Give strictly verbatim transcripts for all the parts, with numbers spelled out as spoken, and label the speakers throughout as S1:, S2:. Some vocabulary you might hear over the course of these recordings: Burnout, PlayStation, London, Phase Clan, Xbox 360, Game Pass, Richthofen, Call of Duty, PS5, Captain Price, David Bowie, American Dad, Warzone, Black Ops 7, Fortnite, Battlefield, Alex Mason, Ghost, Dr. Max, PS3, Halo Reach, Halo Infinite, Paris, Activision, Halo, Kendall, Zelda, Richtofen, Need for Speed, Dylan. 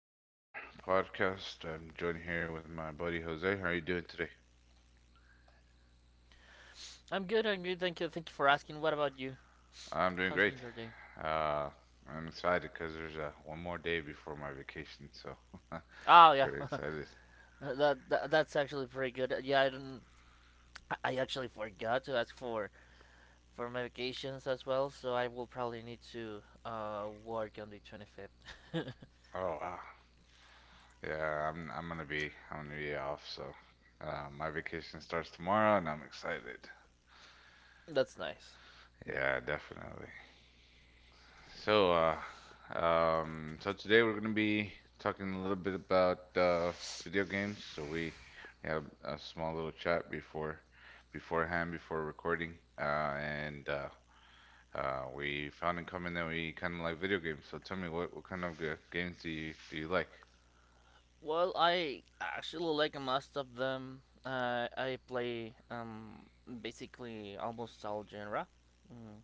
S1: another podcast. I'm joined here with my buddy Jose. How are you doing today?
S2: I'm good. I'm good. Thank you. Thank you for asking. What about you?
S1: I'm doing
S2: How's
S1: great.
S2: been your day?
S1: Uh, I'm excited because there's uh, one more day before my vacation, so
S2: Oh yeah,
S1: pretty excited.
S2: that, that that's actually pretty good. Uh, Yeah, I didn't. I- actually forgot to ask for for my vacations as well, so I will probably need to uh work on the twenty fifth.
S1: Oh wow! Yeah, I'm I'm gonna be I'm gonna be off, so uh, my vacation starts tomorrow, and I'm excited.
S2: That's nice.
S1: Yeah, definitely. So, uh, um, so today we're gonna be talking a little bit about uh, video games. So we have a small little chat before, beforehand, before recording, uh, and uh, uh, we found in common that we kind of like video games. So tell me, what what kind of g- games do you do you like?
S2: Well, I actually like most of them. Uh, I play um basically almost all genre. Mm.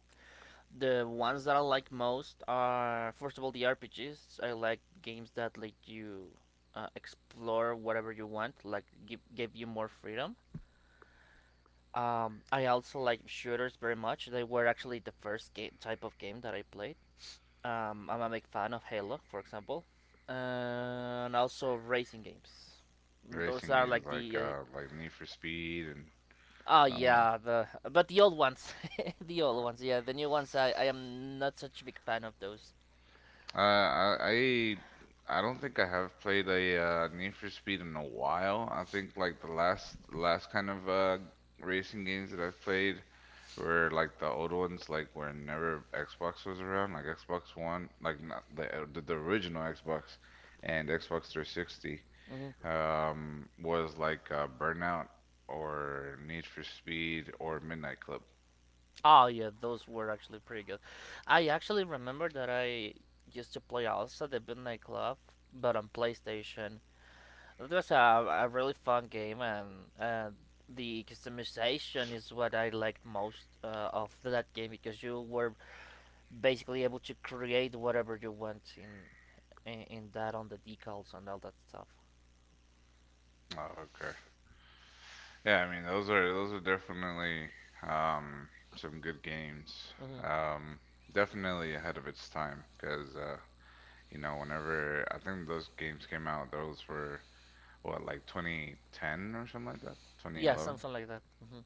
S2: The ones that I like most are, first of all, the R P Gs. I like games that let you uh, explore whatever you want, like give give you more freedom. Um, I also like shooters very much. They were actually the first game type of game that I played. Um, I'm a big fan of Halo, for example. Uh, and also racing games. Those
S1: Racing
S2: are
S1: games
S2: like
S1: like
S2: the
S1: uh, like Need for Speed and
S2: uh, oh
S1: no.
S2: yeah, the, but the old ones, the old ones. Yeah, the new ones, I, I am not such a big fan of those.
S1: Uh, I I I don't think I have played a uh, Need for Speed in a while. I think like the last the last kind of uh, racing games that I've played were like the old ones, like whenever Xbox was around, like Xbox One, like not the uh, the, the original Xbox and Xbox three sixty.
S2: Hmm.
S1: Um, was like uh, Burnout or Need for Speed or Midnight Club.
S2: Oh yeah, those were actually pretty good. I actually remember that I used to play also the Midnight Club, but on PlayStation. It was a, a really fun game, and uh, the customization is what I liked most uh, of that game, because you were basically able to create whatever you want in in, in that, on the decals and all that stuff.
S1: Oh, okay. Yeah, I mean those are those are definitely um, some good games.
S2: Hmm.
S1: Um, Definitely ahead of its time because uh, you know whenever I think those games came out, those were what like twenty ten or something like that,
S2: Yeah,
S1: twenty eleven.
S2: something like that. Hmm.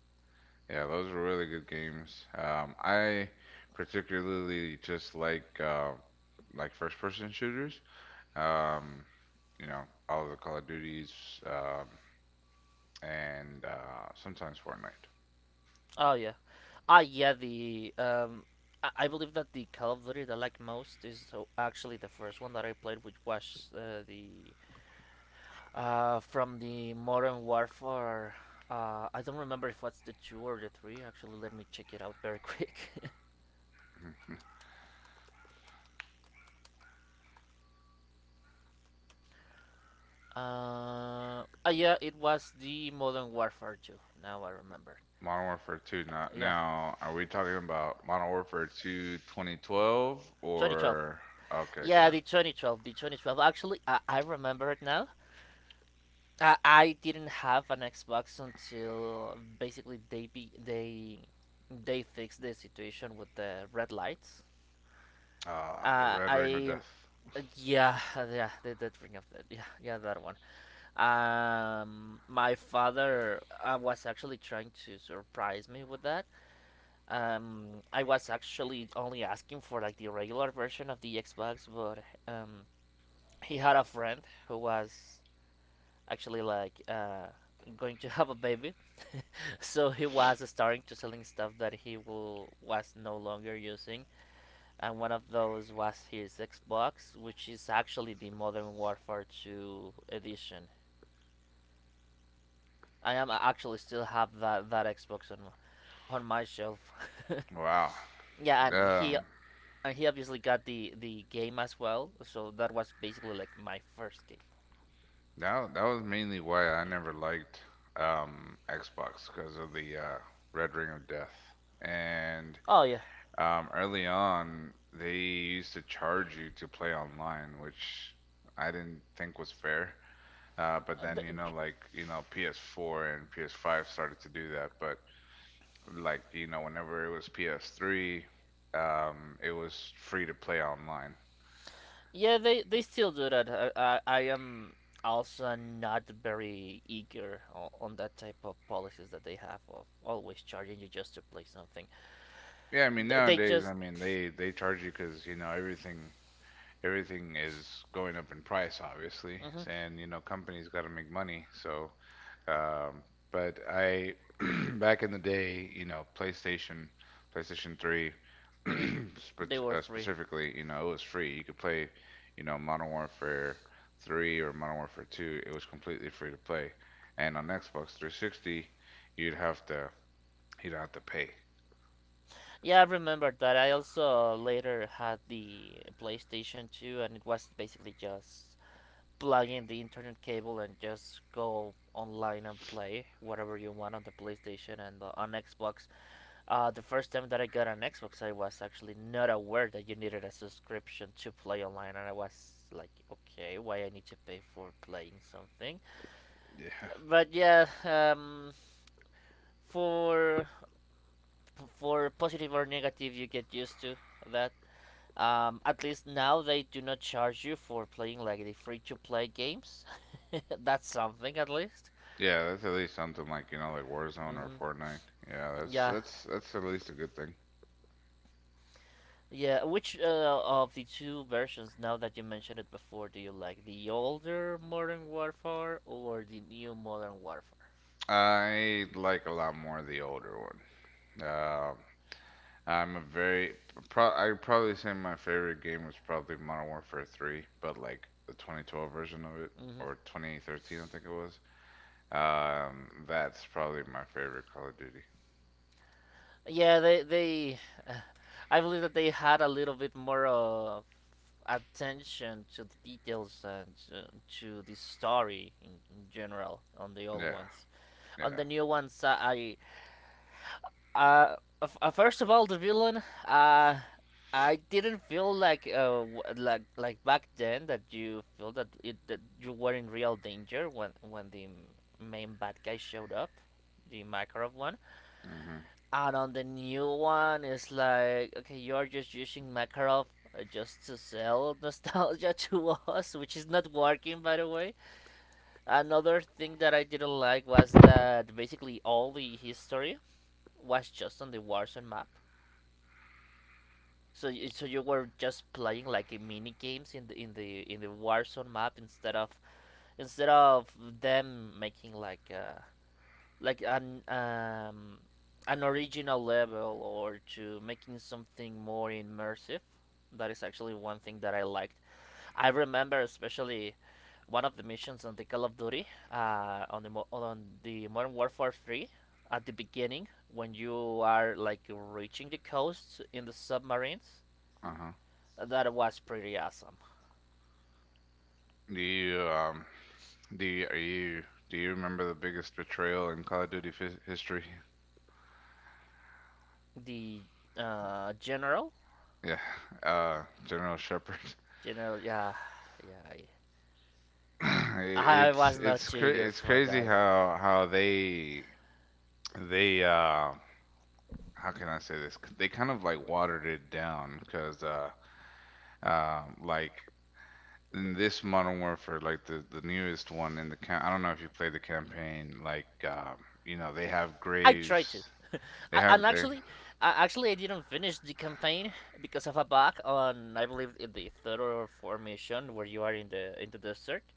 S1: Yeah, those were really good games. Um, I particularly just like uh, like first person shooters. Um, you know all of the Call of Duties um, and uh, sometimes Fortnite.
S2: Oh yeah, ah yeah. The um, I, I believe that the Call of Duty that I like most is, so actually, the first one that I played, which was uh, the uh from the Modern Warfare. Uh, I don't remember if it's the two or the three. Actually, let me check it out very quick. Uh, ah yeah, it was the Modern Warfare two. Now I remember.
S1: Modern Warfare two not
S2: Yeah,
S1: now. Are we talking about Modern Warfare two twenty twelve
S2: twenty twelve.
S1: or okay,
S2: Yeah,
S1: good.
S2: the twenty twelve, the twenty twelve. Actually, I, I remember it now. I, I didn't have an Xbox until basically they be, they they fixed the situation with the red lights.
S1: Ah, the
S2: Uh,
S1: Red Ring of
S2: I
S1: Death.
S2: Yeah, yeah, they did bring up that, yeah, yeah, that one. Um, my father uh, was actually trying to surprise me with that. Um, I was actually only asking for like the regular version of the Xbox, but um, he had a friend who was actually like uh going to have a baby, so he was starting to selling stuff that he will, was no longer using, and one of those was his xbox, which is actually the modern warfare two edition. I am uh, actually still have that, that xbox on, on my shelf.
S1: Wow.
S2: Yeah, and he
S1: Um,
S2: and he obviously got the the game as well, so that was basically like my first game.
S1: that that was mainly why I never liked um Xbox because of the uh, Red Ring of Death. And
S2: Oh yeah.
S1: um, early on, they used to charge you to play online, which I didn't think was fair. Uh, but then, you
S2: Th-
S1: know, like, you know, P S four and P S five started to do that. But like you know whenever it was P S three, um, it was free to play online.
S2: Yeah, they they still do that. I I, I am also not very eager on, on that type of policies that they have of always charging you just to play something.
S1: Yeah, I
S2: Yeah,
S1: mean
S2: Th- They
S1: nowadays, I
S2: just
S1: mean they they charge you because you know everything
S2: you
S1: everything
S2: everything's
S1: is going up in price, obviously,
S2: obviously, mhm.
S1: and you know companies got to make money, so Um, but I back in the day, you know, PlayStation, PlayStation three,
S2: Mhm, they
S1: spe-
S2: were
S1: uh,
S2: free.
S1: specifically, you know, it was free. You could play, you know, Modern Warfare three or Modern Warfare two. It was completely free to play. And on Xbox three sixty, you'd have to you'd have to pay.
S2: Play Yeah, I remember that. I also later had the PlayStation two, and it was basically just plug in the internet cable and just go online and play whatever you want on the PlayStation and uh, on Xbox. Uh, the first time that I got an Xbox, I was actually not aware that you needed a subscription to play online, and I was like, okay, why I need to pay for playing something?
S1: Yeah.
S2: But yeah, um, for for positive or negative, you get used to that. Um, at least now they do not charge you for playing like the free to play games. That's something at least.
S1: Yeah,
S2: Yeah,
S1: that's at least something like, you know, like Warzone
S2: like that.
S1: or
S2: Hmm.
S1: Fortnite. Yeah, that's
S2: Yeah,
S1: that's that's at least a good thing.
S2: yeah. Which uh, of the two versions, now that you mentioned it before, do you like? The older Modern Warfare or the new Modern Warfare?
S1: I like a lot more the older one. Um, I'm a very pro- I'd probably say my favorite game was probably Modern Warfare three, but like the twenty twelve version of it
S2: Hmm.
S1: or twenty thirteen I think it was. Um, that's probably my favorite Call of Duty.
S2: Yeah, they they. I believe that they had a little bit more uh, attention to the details and uh, to the story in, in general on the old
S1: Yeah,
S2: ones. On
S1: yeah.
S2: the new ones, uh, I, uh, uh, first of all, the villain uh. I didn't feel like uh like like back then that you feel that it, that you were in real danger when when the main bad guy showed up, the Makarov one.
S1: Mhm.
S2: And on the new one, it's like, okay, you're just using Makarov, uh, just to sell nostalgia to us, which is not working, by the way. Another thing that I didn't like was that basically all the history was just on the Warzone map. So, so you were just playing like a mini games in the in the in the Warzone map, instead of instead of them making like uh, like an um, an original level, or to making something more immersive. That is actually one thing that I liked. I remember especially one of the missions on the Call of Duty, uh, on the mo- on the Modern Warfare Three, at the beginning when you are like reaching the coast in the submarines.
S1: Uh-huh.
S2: That was pretty awesome.
S1: Do you um do you, are you do you remember the biggest betrayal in Call of Duty f- history?
S2: The uh, general,
S1: Yeah. Uh, General Shepard.
S2: General, yeah, yeah.
S1: It-
S2: I, I
S1: It's
S2: was
S1: it's
S2: not
S1: cra-
S2: eager
S1: it's
S2: for
S1: crazy
S2: that one.
S1: how how they they um how can I say this? They kind of like watered it down because, uh, um, like in this Modern Warfare, like the the newest one in the cam- I don't know if you played the campaign. Like, um, you know, they have
S2: I tried to,
S1: graves. They
S2: I, and
S1: have they.
S2: actually, uh, actually, I didn't finish the campaign because of a bug on, I believe, in the third or fourth mission, where you are in the in the desert,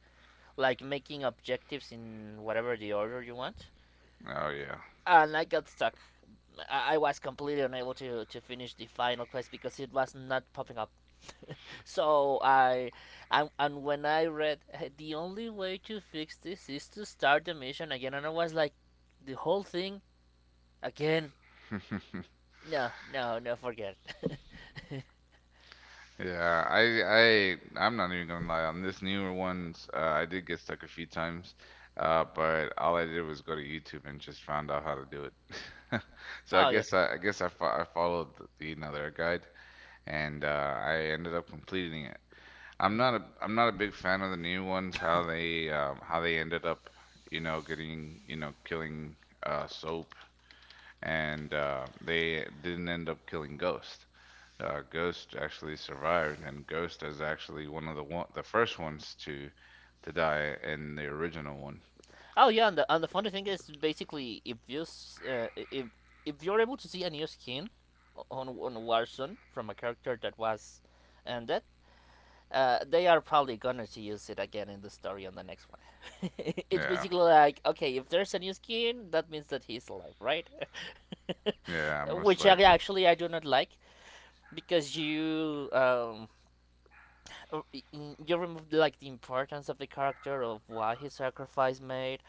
S2: like making objectives in whatever the order you want.
S1: Oh yeah.
S2: And I got stuck. I, I was completely unable to, to finish the final quest, because it was not popping up. so I, and, and when I read, "Hey, the only way to fix this is to start the mission again," and I was like, the whole thing again. No, no, no, forget it.
S1: Yeah, I I I'm not even gonna lie. On this newer ones, uh, I did get stuck a few times, uh, but all I did was go to YouTube and just found out how to do it. So I
S2: Oh, yeah.
S1: guess I, I guess I, fo I followed the, you know their guide, and uh, I ended up completing it. I'm not a I'm not a
S2: Hmm.
S1: big fan of the new ones. How they um, how they ended up, you know, getting you know killing
S2: You
S1: uh, Soap, and uh, they didn't end up killing Ghost. Uh, Ghost actually survived, and Ghost is actually one of the one the first ones to to die in the original one.
S2: know killing. Oh, yeah, and the, and the funny thing is basically if you s- uh, if if you're able to see a new skin o- on on Warzone from a character that was ended, uh, they are probably gonna to use it again in the story on the next one. It's
S1: Yeah,
S2: basically like, okay, if there's a new skin, that means that he's alive, right?
S1: yeah, most
S2: Which I-
S1: likely.
S2: actually I do not like, because you um you remove like the importance of the character, of why his sacrifice made.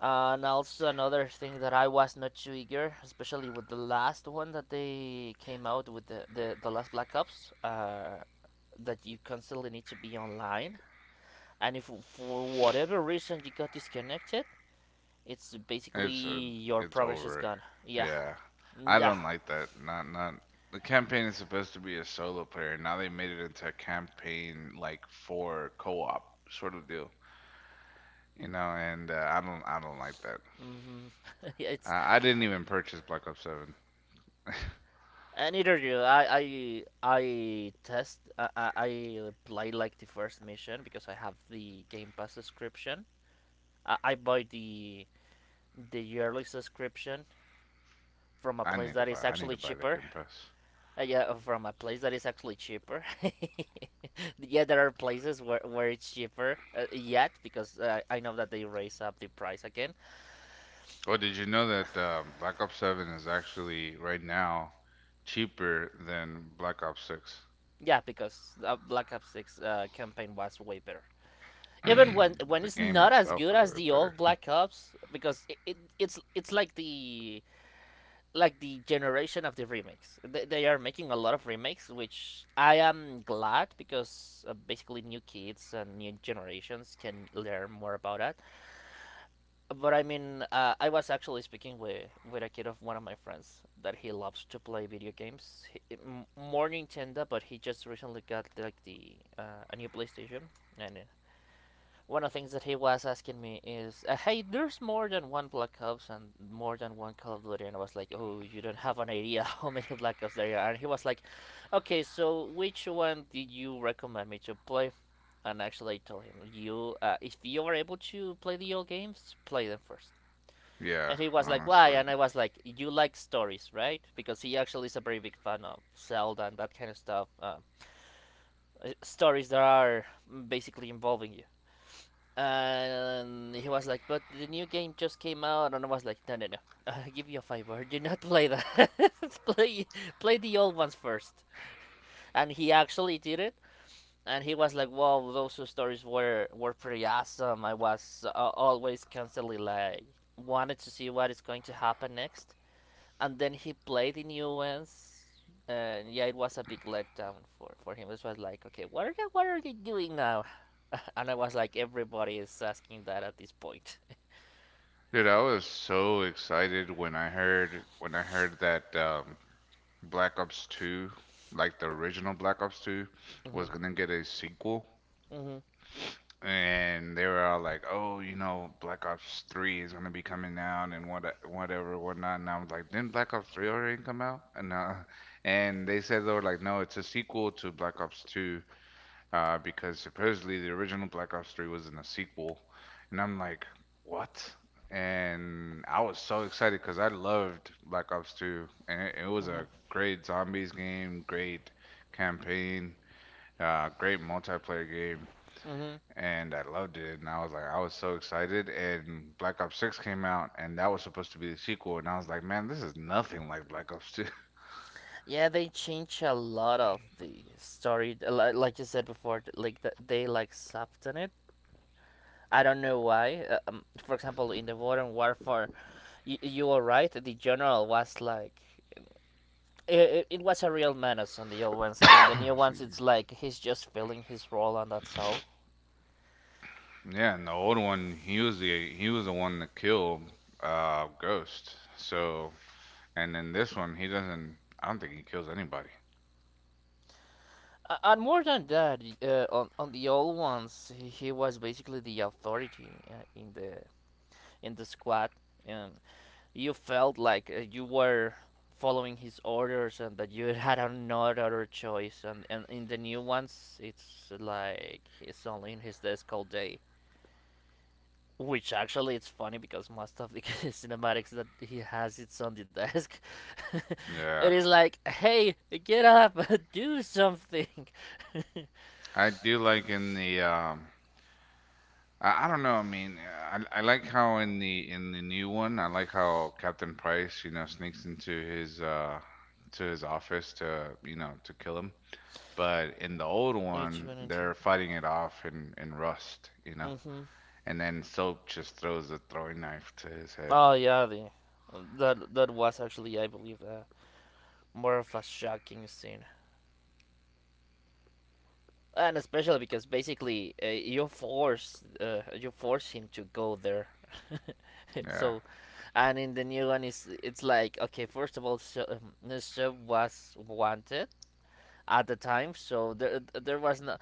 S2: And also another thing that I was not too eager, especially with the last one that they came out with, the the, the last Black Ops uh that you constantly need to be online, and if for whatever reason you got disconnected, it's basically
S1: It's uh,
S2: your
S1: it's
S2: progress is
S1: over.
S2: gone, yeah.
S1: Yeah,
S2: Mm,
S1: I
S2: yeah.
S1: don't like that. Not not the campaign is supposed to be a solo player. Now they made it into a campaign like for co-op sort of deal, you know. And uh, I don't I don't like that.
S2: Like. Mm-hmm. Yeah, it's
S1: I, I didn't even purchase Black Ops Seven.
S2: uh, neither do I. I I test. I I I play like the first mission because I have the Game Pass subscription. I, I buy the the yearly subscription from a
S1: I
S2: place
S1: need to
S2: that
S1: buy
S2: is
S1: I need to
S2: actually
S1: buy the
S2: cheaper.
S1: Game Pass.
S2: Uh, yeah, uh, from a place that is actually cheaper. Yeah, there are places where, where it's cheaper, uh, yet because uh, I know that they raise up the price again.
S1: Oh, did you know that um, Black Ops Seven is actually right now cheaper than Black Ops Six?
S2: Yeah, because uh, Black Ops Six uh, campaign was way better. Even when when
S1: The
S2: it's
S1: game
S2: not as
S1: itself
S2: good
S1: is a
S2: as
S1: bit
S2: the
S1: better.
S2: old Black Ops, because it, it it's it's like the like the generation of the remakes. They, they are making a lot of remakes, which I am glad because uh, basically new kids and new generations can learn more about that. But I mean, uh, I was actually speaking with with a kid of one of my friends that he loves to play video games. He, m- more Nintendo, but he just recently got like the uh, a new PlayStation. And uh, one of the things that he was asking me is, uh, "Hey, there's more than one Black Ops and more than one Call of Duty," and I was like, "Oh, you don't have an idea how many Black Ops there are." And he was like, "Okay, so which one did you recommend me to play?" And actually, I told him, "You, uh, if you are able to play the old games, play them first."
S1: Yeah,
S2: And he was like, "Why?"
S1: honestly.
S2: And I was like, "You like stories, right?" Because he actually is a very big fan of Zelda and that kind of stuff. Uh, uh, stories that are basically involving you. And he was like, "But the new game just came out," and I was like, "No, no, no, uh, give you a favor, do not play that. play, Play the old ones first." And he actually did it, and he was like, "Wow, those two stories were were pretty awesome. I was uh, always constantly like wanted to see what is going to happen next." And then he played in UNs, and yeah, it was a big letdown for for him. This was like, okay, what are they, what are they doing now? And I was like, everybody is asking that at this point.
S1: Dude, I was so excited when I heard when I heard that um, Black Ops two, like the original Black Ops two,
S2: Mm-hmm.
S1: was gonna get a sequel.
S2: Mm-hmm.
S1: And they were all like, "Oh, you know, Black Ops three is gonna be coming out and what whatever, whatnot." And I was like, "Didn't Black Ops three already come out?" And uh, and they said they were like, "No, it's a sequel to Black Ops Two," uh, because supposedly the original Black Ops three was in a sequel, and I'm like, what? And I was so excited because I loved Black Ops two, and it, it was
S2: Mhm.
S1: a great zombies game, great campaign, uh, great multiplayer game,
S2: Mm-hmm.
S1: and I loved it. And I was like, I was so excited. And Black Ops six came out, and that was supposed to be the sequel, and I was like, man, this is nothing like Black Ops two.
S2: Yeah, they change a lot of the story. Li- Like you said before, th- like th- they like soften it. I don't know why. Uh, Um, for example, in the modern warfare, you, you were right. The general was like, it, it was a real menace on the old ones, and in the new ones,
S1: Excuse me.
S2: it's like he's just filling his role, and that's all.
S1: Yeah, and the old one, he was the he was the one that killed uh Ghost. So, and in this one, he doesn't. I don't think he kills anybody.
S2: A- And more than that, uh, on on the old ones, he he was basically the authority uh, in the in the squad. Um, you felt like uh, you were following his orders and that you had no other choice. And, and in the new ones, it's like he's only in his desk all day. Which actually, it's funny because most of the cinematics that he has, it's on the desk. It
S1: Yeah,
S2: is like, hey, get up, do something.
S1: I do like in the um. I, I don't know. I mean, I, I like how in the in the new one, I like how Captain Price, you know, sneaks into his uh to his office to you know to kill him. But in the old
S2: H
S1: one,
S2: one and two.
S1: they're fighting it off in in Rust, you know,
S2: Mm-hmm.
S1: and then Soap just throws a throwing knife to his head.
S2: Oh yeah, the that that was actually I believe, uh, more of a shocking scene, and especially because basically, uh, you force uh, you force him to go there.
S1: Yeah.
S2: So, and in the new one is it's like okay, first of all, so, um, the show was wanted at the time, so there there was no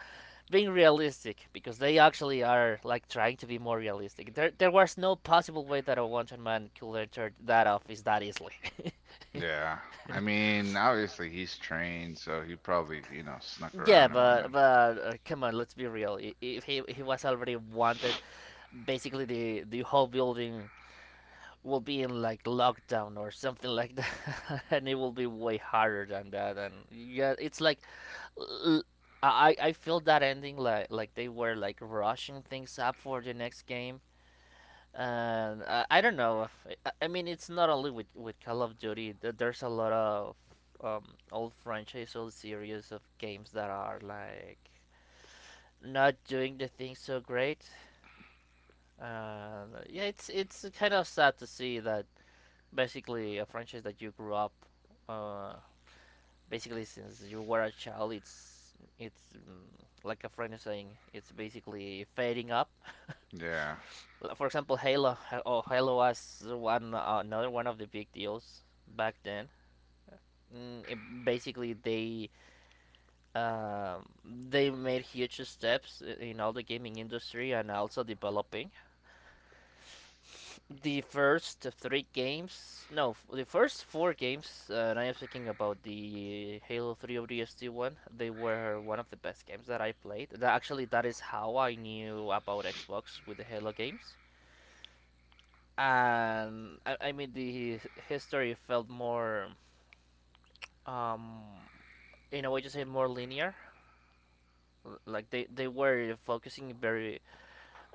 S2: being realistic because they actually are like trying to be more realistic. There there was no possible way that a wanted man could enter that office that easily.
S1: Yeah. I mean, obviously he's trained, so he probably, you know, snuck
S2: Yeah,
S1: around and
S2: but
S1: whatnot.
S2: but uh, come on, let's be real. I- If he he was already wanted, basically the the whole building will be in like lockdown or something like that, and it will be way harder than that. And yeah, it's like l- I I feel that ending like like they were like rushing things up for the next game. And I, I don't know. If, I, I mean, it's not only with with Call of Duty. th- There's a lot of um old franchise, old series of games that are like not doing the thing so great. Uh, yeah, it's it's kind of sad to see that basically a franchise that you grew up, uh, basically since you were a child, it's it's mm, like a friend is saying, it's basically fading up.
S1: Yeah.
S2: For example, Halo. Oh, Halo was one, uh, another one of the big deals back then. Mm, it, basically, they um, they made huge steps uh, in all the gaming industry and also developing the first three games, no, f- the first four games, uh, and I am speaking about the Halo three O D S T one. They were one of the best games that I played. That actually, that is how I knew about Xbox with the Halo games. And I, I mean, the history felt more, um, in a way, just say more linear. Like they, they were focusing very,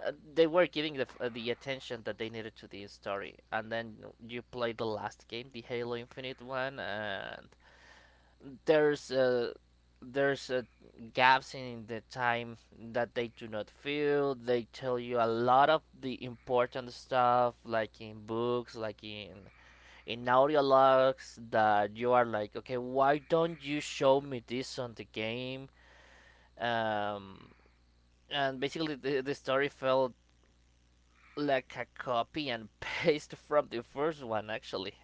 S2: uh, they were giving the, uh, the attention that they needed to the story, and then you play the last game, the Halo Infinite one, and there's uh, there's uh, gaps in the time that they do not fill. They tell you a lot of the important stuff, like in books, like in in audio logs, that you are like, okay, why don't you show me this on the game? Um, and basically, the, the story felt like a copy and paste from the first one, actually.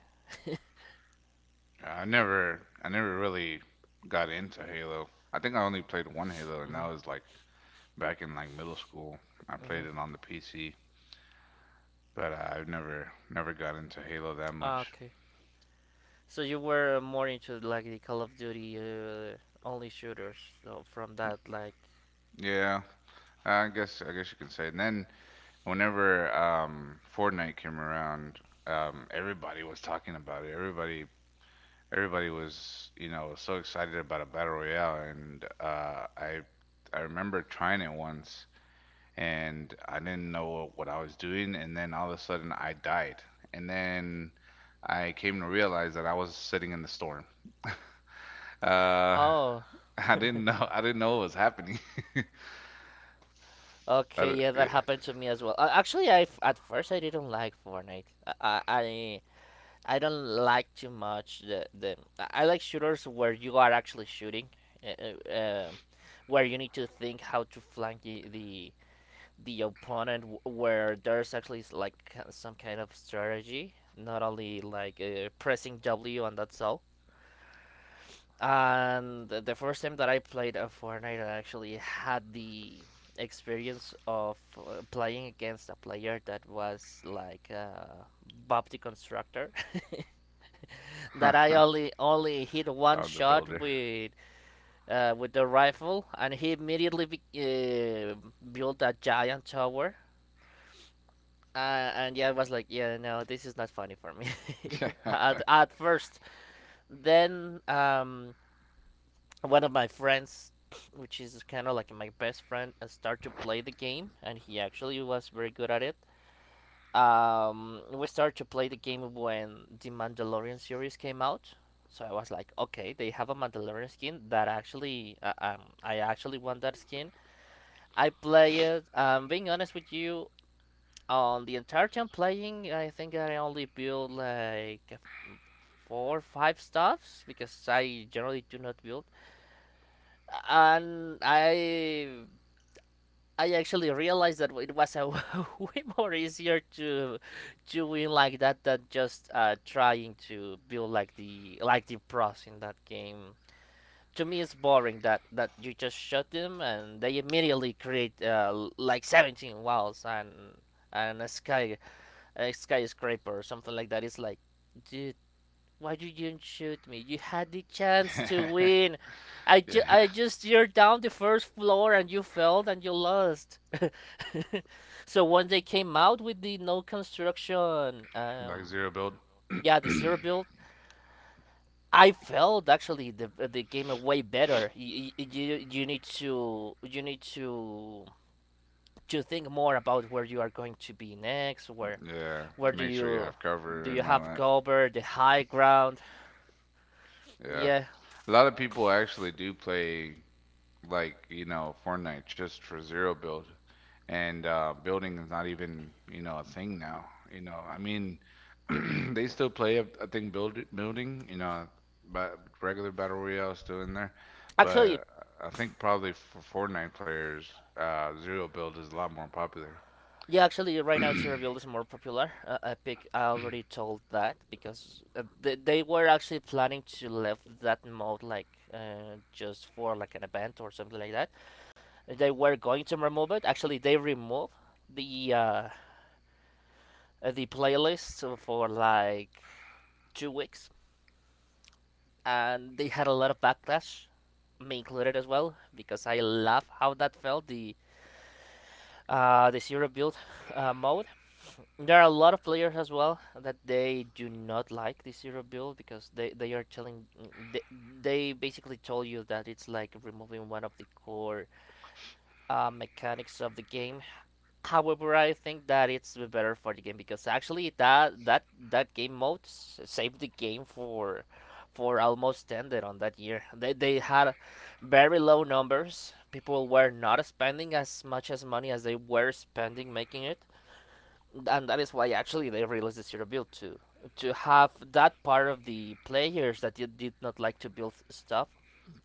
S1: I never I never really got into Halo. I think I only played one Halo and
S2: Mhm.
S1: that was like back in like middle school. I played
S2: Mhm.
S1: it on the P C, but uh, I've never never got into Halo that
S2: Ah,
S1: much.
S2: okay. So you were more into like the Call of Duty, uh, only shooters, so from that like.
S1: Yeah. I guess I guess you can say. And then whenever um Fortnite came around, um everybody was talking about it. Everybody everybody was, you know, so excited about a battle royale, and uh, I I remember trying it once, and I didn't know what I was doing, and then all of a sudden I died, and then I came to realize that I was sitting in the storm. Uh,
S2: Oh,
S1: I didn't know I didn't know what was happening. I
S2: okay,
S1: di-
S2: yeah, that
S1: it,
S2: happened to me as well. Uh, actually, I f- at first I didn't like Fortnite. I I, I don't like too much the the. I like shooters where you are actually shooting, uh, uh, uh, where you need to think how to flank the the, the opponent, wh- where there's actually s- like ki- some kind of strategy, not only like uh, pressing W and that's all. And the the first time that I played a Fortnite, I actually had the experience of uh, playing against a player that was like, uh, Bob the Constructor. That I only only hit one
S1: Bob the
S2: shot
S1: Builder.
S2: with, uh, with the rifle, and he immediately be- uh, built a giant tower. Uh, and yeah, I was like, yeah, no, this is not funny for me at, at first. Then, um, one of my friends, which is kind of like my best friend, uh, started to play the game, and he actually was very good at it. Um, we started to play the game when the Mandalorian series came out. So I was like, okay, they have a Mandalorian skin that actually, uh, um, I actually want that skin. I play it. Um, being honest with you, on the entire time playing, I think I only built like four or five stuffs because I generally do not build, and I I actually realized that it was a way more easier to to win like that than just, uh, trying to build like the like the pros in that game. To me, it's boring that that you just shot them and they immediately create, uh, l- like seventeen walls and and a sky a skyscraper or something like that. It's like, dude, why did you didn't shoot me? You had the chance to
S1: Yeah,
S2: win. I, ju-
S1: yeah,
S2: I just you're down the first floor and you failed and you lost. So when they came out with the no construction,
S1: like
S2: um,
S1: zero build.
S2: yeah, the zero build, I felt actually the the game way better. You, you you need to you need to to think more about where you are going to be next. Where
S1: Yeah,
S2: where
S1: to
S2: do
S1: make sure you
S2: you
S1: have
S2: do
S1: cover
S2: you
S1: and all
S2: have
S1: that.
S2: cover the high ground?
S1: Yeah.
S2: Yeah,
S1: A lot of people actually do play like you know Fortnite just for zero build, and uh, building is not even you know a thing now. You know, I mean, they still play a, a thing build building. You know, but regular battle royale is still in there,
S2: actually
S1: but I think probably for Fortnite players, uh, zero build is a lot more popular.
S2: Yeah, actually, right now Chernobyl is more popular. Uh, Epic, I already told that because, uh, they, they were actually planning to leave that mode like, uh, just for like an event or something like that. They were going to remove it. Actually, they removed the uh, uh, the playlist for like two weeks, and they had a lot of backlash, me included as well, because I love how that felt the, uh, the zero build, uh, mode. There are a lot of players as well that they do not like this hero build because they, they are telling mm, they, they basically told you that it's like removing one of the core, uh, mechanics of the game. However, I think that it's better for the game because actually that that that game mode s- saved the game for for almost ended on that year. They they had very low numbers. People were not spending as much as money as they were spending making it, and that is why actually they released the zero build to to have that part of the players that did, did not like to build stuff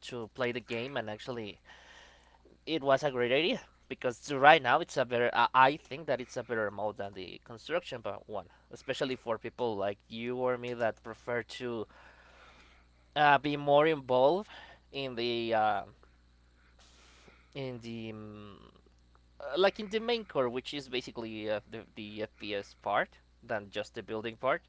S2: to play the game, and actually it was a great idea because right now it's a better I- i think that it's a better mode than the construction bu- one, especially for people like you or me that prefer to, uh, be more involved in the, uh, in the mm, uh, like in the main core, which is basically, uh, the, the FPS part than just the building part.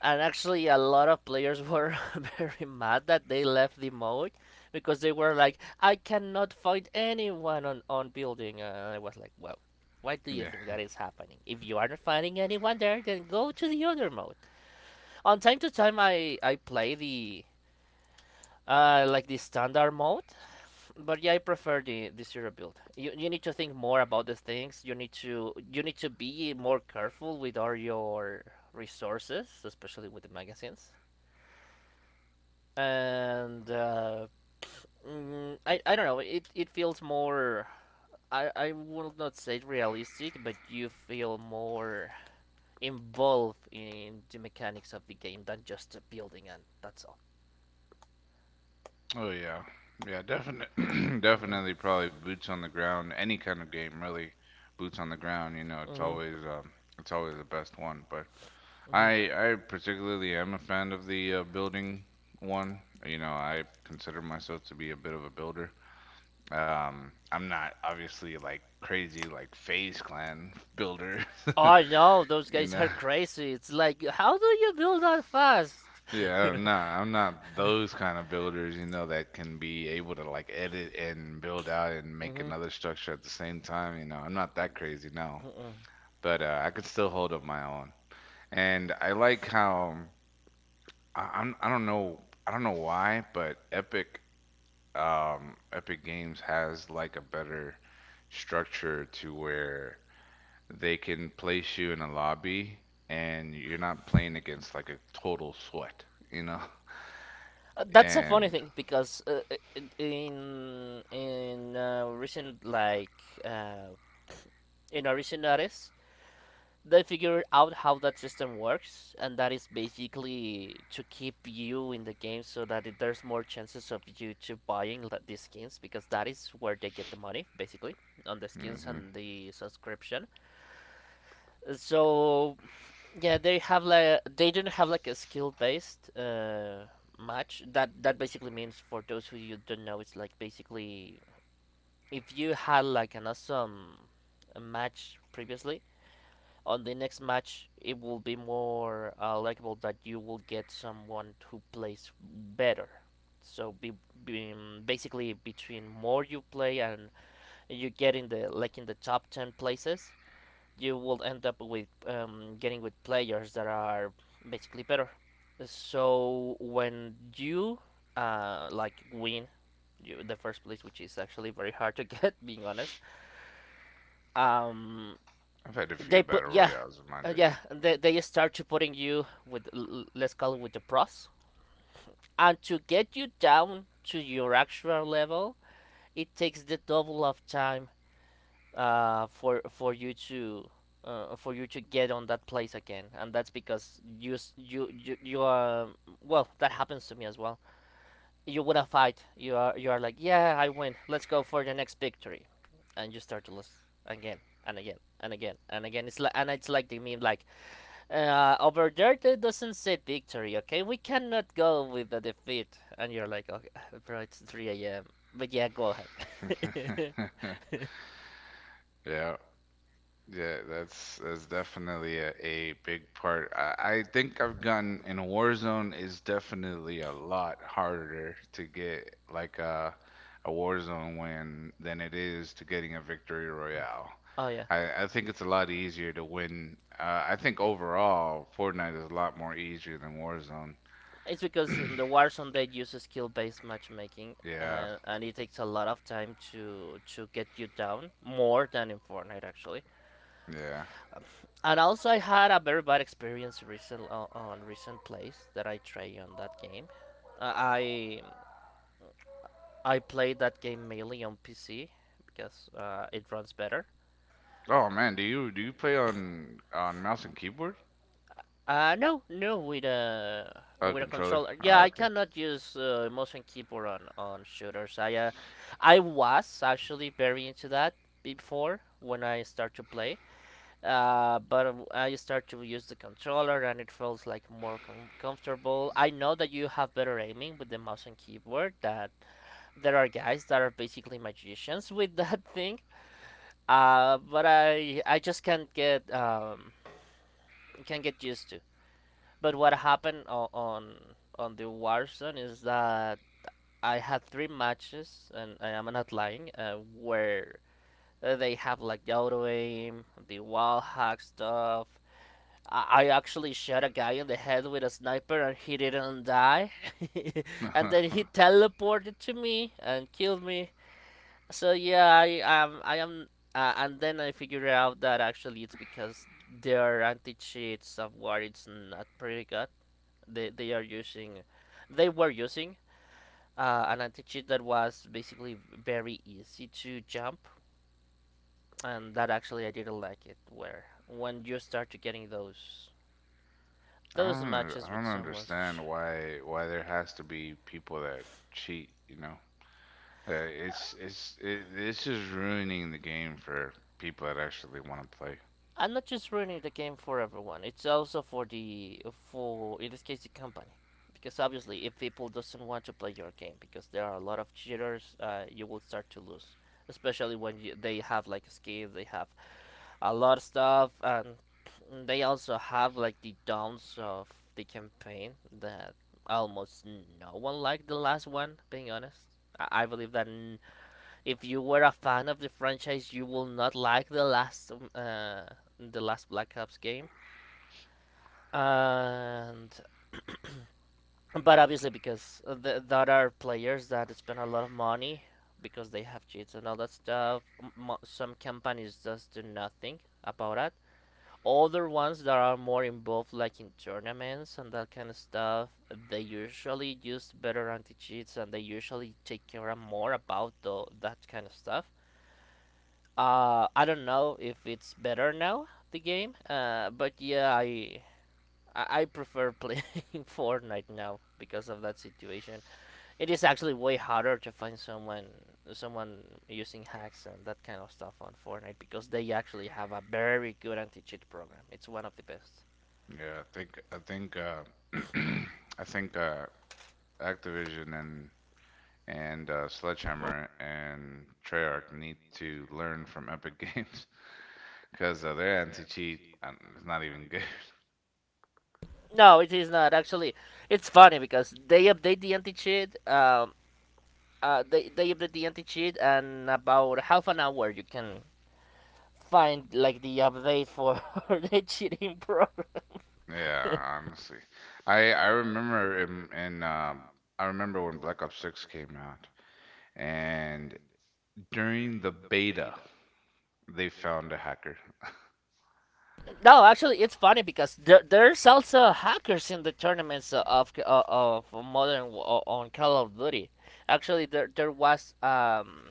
S2: And actually a lot of players were very mad that they left the mode because they were like, I cannot find anyone on, on building, and I was like, well, why do you think
S1: Yeah.
S2: that is happening? If you are not finding anyone there, then go to the other mode. On time to time i i play the, uh, like the standard mode, but yeah, I prefer the the zero build. You, you need to think more about the things. You need to you need to be more careful with all your resources, especially with the magazines, and, uh, mm, I I don't know. It it feels more. I I will not say realistic, but you feel more involved in the mechanics of the game than just the building, and that's all.
S1: Oh yeah. Yeah, definitely
S2: Mhm.
S1: definitely probably boots on the ground, any kind of game really. Boots on the ground, you know, it's
S2: Mhm.
S1: always um it's always the best one. But
S2: Mm-hmm.
S1: I I particularly am a fan of the uh, building one. You know, I consider myself to be a bit of a builder. Um, I'm not obviously like crazy like Phase Clan builder.
S2: I know those
S1: You
S2: guys
S1: know,
S2: are crazy. It's like, how do you do that fast?
S1: yeah, I'm not. I'm not those kind of builders. You know, that can be able to like edit and build out and make another structure at the same time. You know, I'm not that crazy, no.
S2: uh
S1: But uh, I could still hold up my own. And I like how I, I'm I don't know I don't know why, but Epic um Epic Games has like a better structure to where they can place you in a lobby and you're not playing against like a total sweat, you know?
S2: That's a funny
S1: And
S2: thing because, uh, i- in in uh, recent like, uh, in a recent artist, they figured out how that system works, and that is basically to keep you in the game so that it, there's more chances of you to buying these skins because that is where they get the money, basically on the skins
S1: hmm
S2: and the subscription. So yeah, they have like they didn't have like a skill based, uh, match. That that basically means for those who you don't know, it's like basically if you had like an awesome match previously on the next match it will be more uh, likable that you will get someone who plays better so be, be, mm, basically between more you play and you get in the like in the top ten places you will end up with um, getting with players that are basically better. So when you uh, like win you, the first place which is actually very hard to get being honest. um,
S1: I've had a
S2: they
S1: few
S2: put,
S1: battle
S2: yeah,
S1: royales in my
S2: uh, yeah. They they start to putting you with, let's call it, with the pros, and to get you down to your actual level, it takes the double of time uh for for you to. Uh, for you to get on that place again, and that's because you you you you are well. That happens to me as well. You win a fight. You are you are like, yeah, I win. Let's go for the next victory, and you start to lose again and again and again and again. It's like, and it's like the meme like uh, over there, that doesn't say victory, okay? We cannot go with the defeat. And you're like, okay, bro, it's three a m. But yeah, go ahead.
S1: day. Yeah. Yeah, that's that's definitely a, a big part. I, I think I've gotten in Warzone is definitely a lot harder to get like a a Warzone win than it is to getting a victory royale.
S2: Oh, yeah.
S1: I, I think it's a lot easier to win. Uh, I think overall Fortnite is a lot more easier than Warzone.
S2: It's because the Warzone they use skill based matchmaking,
S1: Yeah,
S2: uh, and it takes a lot of time to to get you down more than in Fortnite actually.
S1: yeah.
S2: And also I had a very bad experience recent on, on recent plays that I tried on that game. Uh, I I played that game mainly on P C because uh, it runs better.
S1: Oh man, do you do you play on on mouse and keyboard?
S2: Uh, no, no, with a
S1: Oh,
S2: with a
S1: controller.
S2: controller. Yeah,
S1: Oh,
S2: I
S1: okay.
S2: cannot use uh, mouse and keyboard on on shooters. I uh, I was actually very into that before when I start to play. Uh, but uh, I start to use the controller and it feels like more com comfortable. I know that you have better aiming with the mouse and keyboard. That there are guys that are basically magicians with that thing. Uh, but I I just can't get um can't get used to. But what happened on on, on the Warzone is that I had three matches, and I am not lying, uh, where uh, they have like auto aim, the wall hack stuff. I I actually shot a guy in the head with a sniper and he didn't die. And then he teleported to me and killed me. So yeah, I am I am uh, and then I figured out that actually it's because their anti-cheat software it's not pretty good. They they are using, they were using uh, an anti-cheat that was basically very easy to jump, and that actually I didn't like it where when you start to getting those
S1: I
S2: those
S1: don't under-
S2: matches
S1: I
S2: with
S1: don't
S2: so much
S1: understand why why there has to be people that cheat, you know? Uh, it's
S2: uh,
S1: it's it, it's just ruining the game for people that actually want to play.
S2: I'm not just ruining the game for everyone, it's also for the, for in this case, the company, because obviously if people doesn't want to play your game because there are a lot of cheaters, uh, you will start to lose, especially when you, they have like skins, they have a lot of stuff, and they also have like the downs of the campaign that almost no one liked the last one. Being honest, I, I believe that n- if you were a fan of the franchise, you will not like the last um, uh, the last Black Ops game, and but obviously because th- there are players that spend a lot of money because they have cheats and all that stuff. M- some companies just do nothing about it. Other ones that are more involved like in tournaments and that kind of stuff, they usually use better anti-cheats and they usually take care of more about the, that kind of stuff. uh, I don't know if it's better now the game, uh, but yeah, I I prefer playing Fortnite now because of that situation. It is actually way harder to find someone, someone using hacks and that kind of stuff on Fortnite because they actually have a very good anti-cheat program. It's one of the best.
S1: Yeah, I think I think uh I think uh Activision and and uh, Sledgehammer and Treyarch need to learn from Epic Games because uh, their anti-cheat um, is not even good.
S2: No, it is not. Actually, it's funny because they update the anti cheat. Um, uh, they they update the anti cheat, and about half an hour you can find like the update for the cheating program.
S1: Yeah, honestly. I I remember in, in um I remember when Black Ops six came out and during the beta they found a hacker.
S2: No, actually, it's funny because there, there's also hackers in the tournaments of of, of modern Wa- on Call of Duty. Actually, there there was um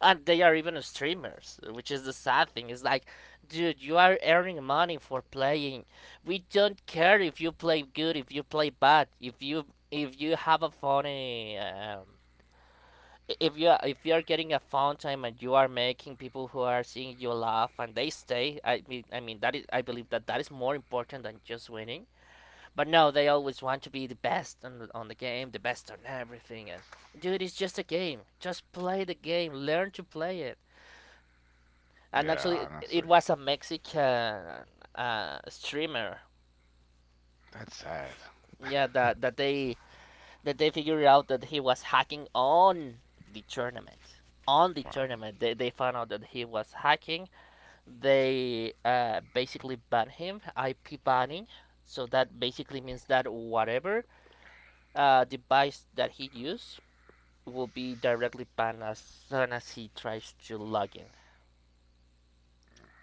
S2: and they are even streamers, which is the sad thing. It's like, dude, you are earning money for playing. We don't care if you play good, if you play bad, if you if you have a funny, um, if you if you are getting a fun time and you are making people who are seeing you laugh and they stay. I mean, I mean that is, I believe that that is more important than just winning. But no, they always want to be the best on on the game, the best on everything. And dude, it's just a game. Just play the game. Learn to play it. and actually
S1: Yeah,
S2: it-
S1: honestly.
S2: it was a Mexican uh, streamer.
S1: That's sad.
S2: Yeah, that that they that they figured out that he was hacking on the tournament. On the
S1: Wow,
S2: tournament, they, they found out that he was hacking. They uh, basically banned him, I P banning. So that basically means that whatever uh, device that he used will be directly banned as soon as he tries to log in.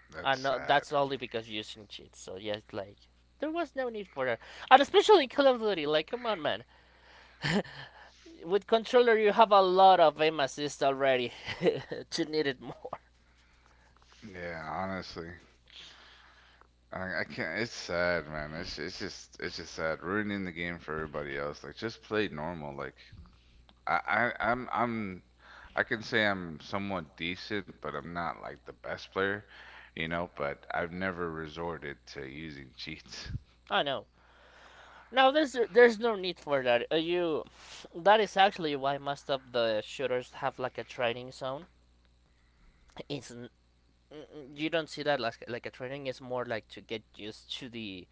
S1: that's
S2: And no,
S1: sad.
S2: that's only because using cheats. So yeah, it's like there was no need for that. And especially in Call of Duty, like come on, man. With controller, you have a lot of aim assist already. To need it more.
S1: Yeah, honestly. I, I can't, it's sad, man. It's it's just it's just sad ruining the game for everybody else. Like just play normal like I, I I'm I'm I can say I'm somewhat decent, but I'm not like the best player, you know, but I've never resorted to using cheats.
S2: I know. Now there's there's no need for that. Uh, you, that is actually why most of the shooters have like a training zone. It's you don't see that like like a training. It's more like to get used to the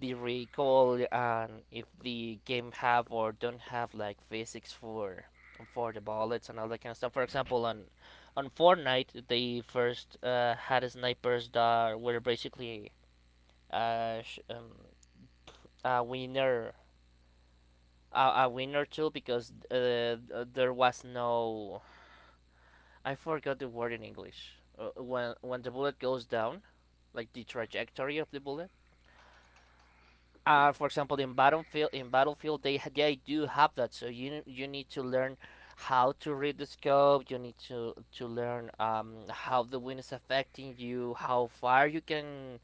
S2: the recoil and if the game have or don't have like physics for for the bullets and all that kind of stuff. For example, on on Fortnite, they first uh, had snipers that were basically uh, sh- um, a winner a, a winner tool because uh, there was no, I forgot the word in English, uh, when when the bullet goes down, like the trajectory of the bullet. Uh, for example, in Battlefield, in Battlefield, they ha- they do have that. So you you need to learn how to read the scope. You need to to learn um, how the wind is affecting you, how far you can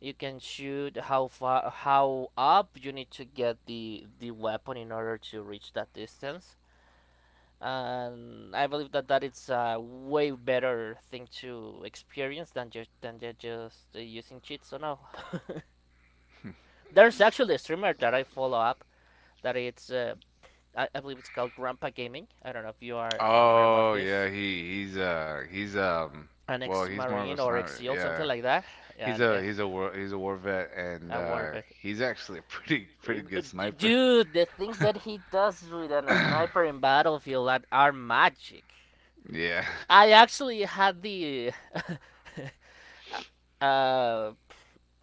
S2: you can shoot, how far, how up you need to get the the weapon in order to reach that distance. And I believe that that it's a way better thing to experience than just, than just uh, using cheats. So no, there's actually a streamer that I follow up that it's uh, I, I believe it's called Grandpa Gaming. I don't know if you are aware about
S1: Oh
S2: his,
S1: yeah, he he's uh he's um
S2: an
S1: well he's more of a
S2: ex-marine or
S1: sniper.
S2: ex-SEAL, something
S1: Yeah,
S2: like that,
S1: he's
S2: and
S1: a
S2: uh,
S1: he's a war he's a war vet, and uh
S2: it.
S1: he's actually a pretty
S2: Uh,
S1: pretty
S2: uh,
S1: good sniper.
S2: Dude, the things that he does with a sniper in Battlefield, that are magic.
S1: Yeah,
S2: I actually had the uh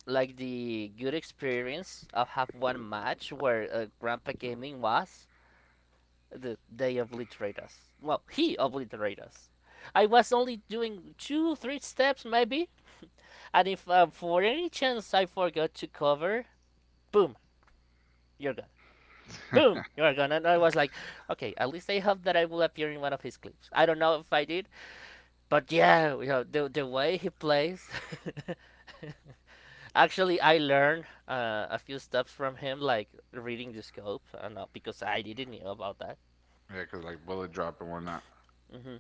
S2: like the good experience of have one match where uh, Grandpa Gaming was the, they obliterate us. Well, he obliterate us. I was only doing two, three steps maybe, and if uh, for any chance I forgot to cover, boom, you're gone. Boom, you're gone. And I was like, okay, at least I hope that I will appear in one of his clips. I don't know if I did, but yeah, you know, the, the way he plays. Actually, I learned uh, a few stuff from him, like reading the scope, uh, because I didn't know about that.
S1: yeah, 'cause like bullet drop and whatnot.
S2: Hmm.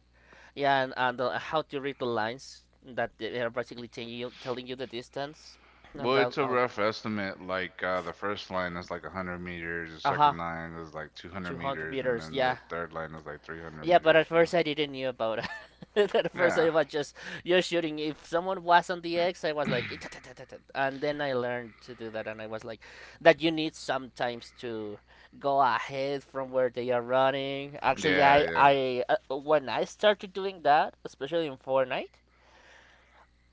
S2: Yeah, and, and uh, how to read the lines that they are basically telling you, telling you the distance, and
S1: Well,
S2: that
S1: it's a
S2: uh,
S1: rough estimate. Like uh, the first line is like 100 meters, the
S2: uh-huh,
S1: second line is like 200
S2: two hundred
S1: meters, and
S2: meters.
S1: then the
S2: Yeah,
S1: third line is like 300
S2: yeah. But at
S1: meters. You know?
S2: first I didn't knew about it. At first
S1: Yeah,
S2: I was just you're shooting. If someone was on the X, I was like, "Eh, ta- ta- ta- ta- ta," and then I learned to do that, and I was like, that you need sometimes to go ahead from where they are running. Actually,
S1: yeah,
S2: I
S1: yeah,
S2: I uh, when I started doing that, especially in Fortnite.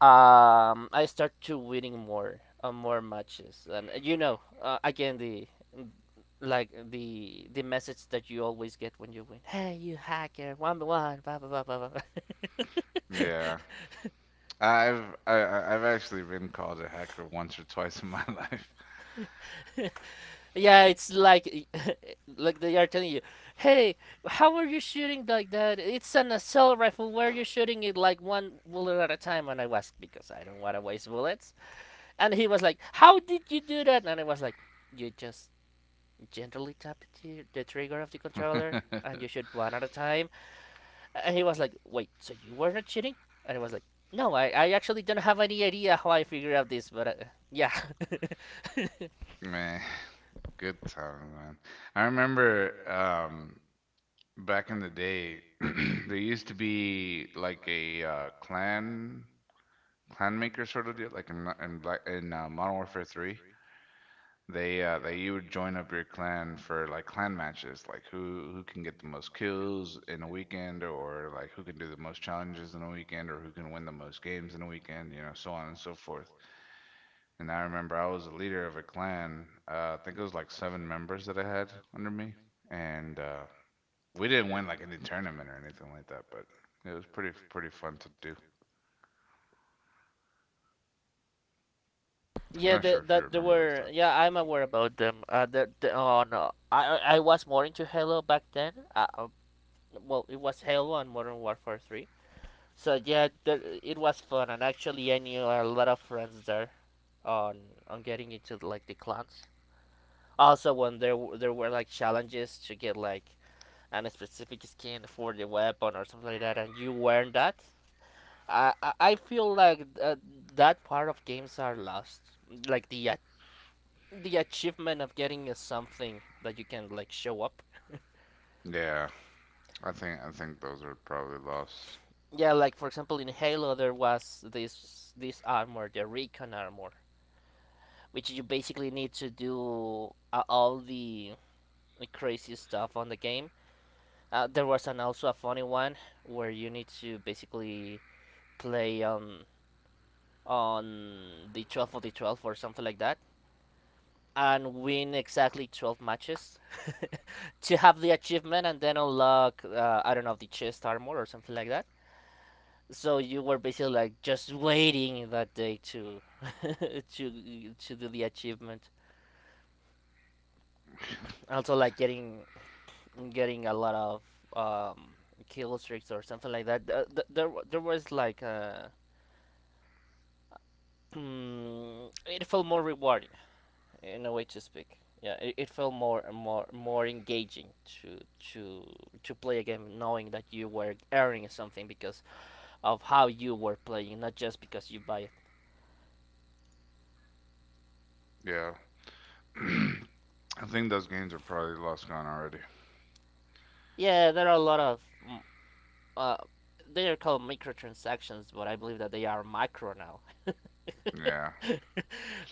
S2: um, I start to winning more uh, more matches, and uh, you know, uh, again the n- like the the message that you always get when you win. Hey, you hacker, one by one, blah blah blah blah, blah.
S1: yeah. I've I, I- I've actually been called a hacker once or twice in my life.
S2: Yeah, it's like, like they are telling you, hey, how are you shooting like that? It's an assault rifle. Where are you shooting it like one bullet at a time? And I was like, because I don't want to waste bullets. And he was like, how did you do that? And I was like, you just gently tap the, the trigger of the controller, and you shoot one at a time. And he was like, wait, so you were not cheating? And I was like, no, I, I actually don't have any idea how I figured out this, but uh, yeah.
S1: Man, good time, man. I remember um, back in the day, there used to be like a uh, clan clan maker sort of deal, like in in Black in uh, Modern Warfare three. They uh they you would join up your clan for like clan matches, like who who can get the most kills in a weekend or like who can do the most challenges in a weekend or who can win the most games in a weekend, you know, so on and so forth. And I remember I was a leader of a clan. Uh, I think it was like seven members that I had under me, and uh, we didn't win like any tournament or anything like that, but it was pretty pretty fun to do. I'm
S2: yeah,
S1: not sure
S2: the,
S1: if you
S2: that there
S1: remember those
S2: were.
S1: times.
S2: Yeah, I'm aware about them. Uh, the, the, oh, no. I, I was more into Halo back then. Uh, uh, well, it was Halo and Modern Warfare three. So yeah, the, it was fun, and actually, I knew a lot of friends there on on getting into like the clans. Also, when there w- there were like challenges to get like a specific skin for the weapon or something like that, and you weren't that, I I I feel like th- that part of games are lost. Like the a- the achievement of getting a something that you can like show up.
S1: Yeah, I think I think those are probably lost.
S2: Yeah, like for example in Halo there was this this armor, the Recon armor, which you basically need to do uh, all the crazy stuff on the game. Uh, there was an also a funny one where you need to basically play um on the twelve of the twelve or something like that and win exactly twelve matches to have the achievement and then unlock uh, I don't know, the chest armor or something like that. So you were basically like just waiting that day to to to do the achievement. Also like getting getting a lot of um kill streaks or something like that. There there was like uh mm, it felt more rewarding in a way to speak. Yeah, it, it felt more more more engaging to to to play a game knowing that you were earning something because of how you were playing, not just because you buy it.
S1: Yeah. I think those games are probably lost gone already.
S2: Yeah, there are a lot of mm, uh, they are called microtransactions, but I believe that they are macro now.
S1: Yeah.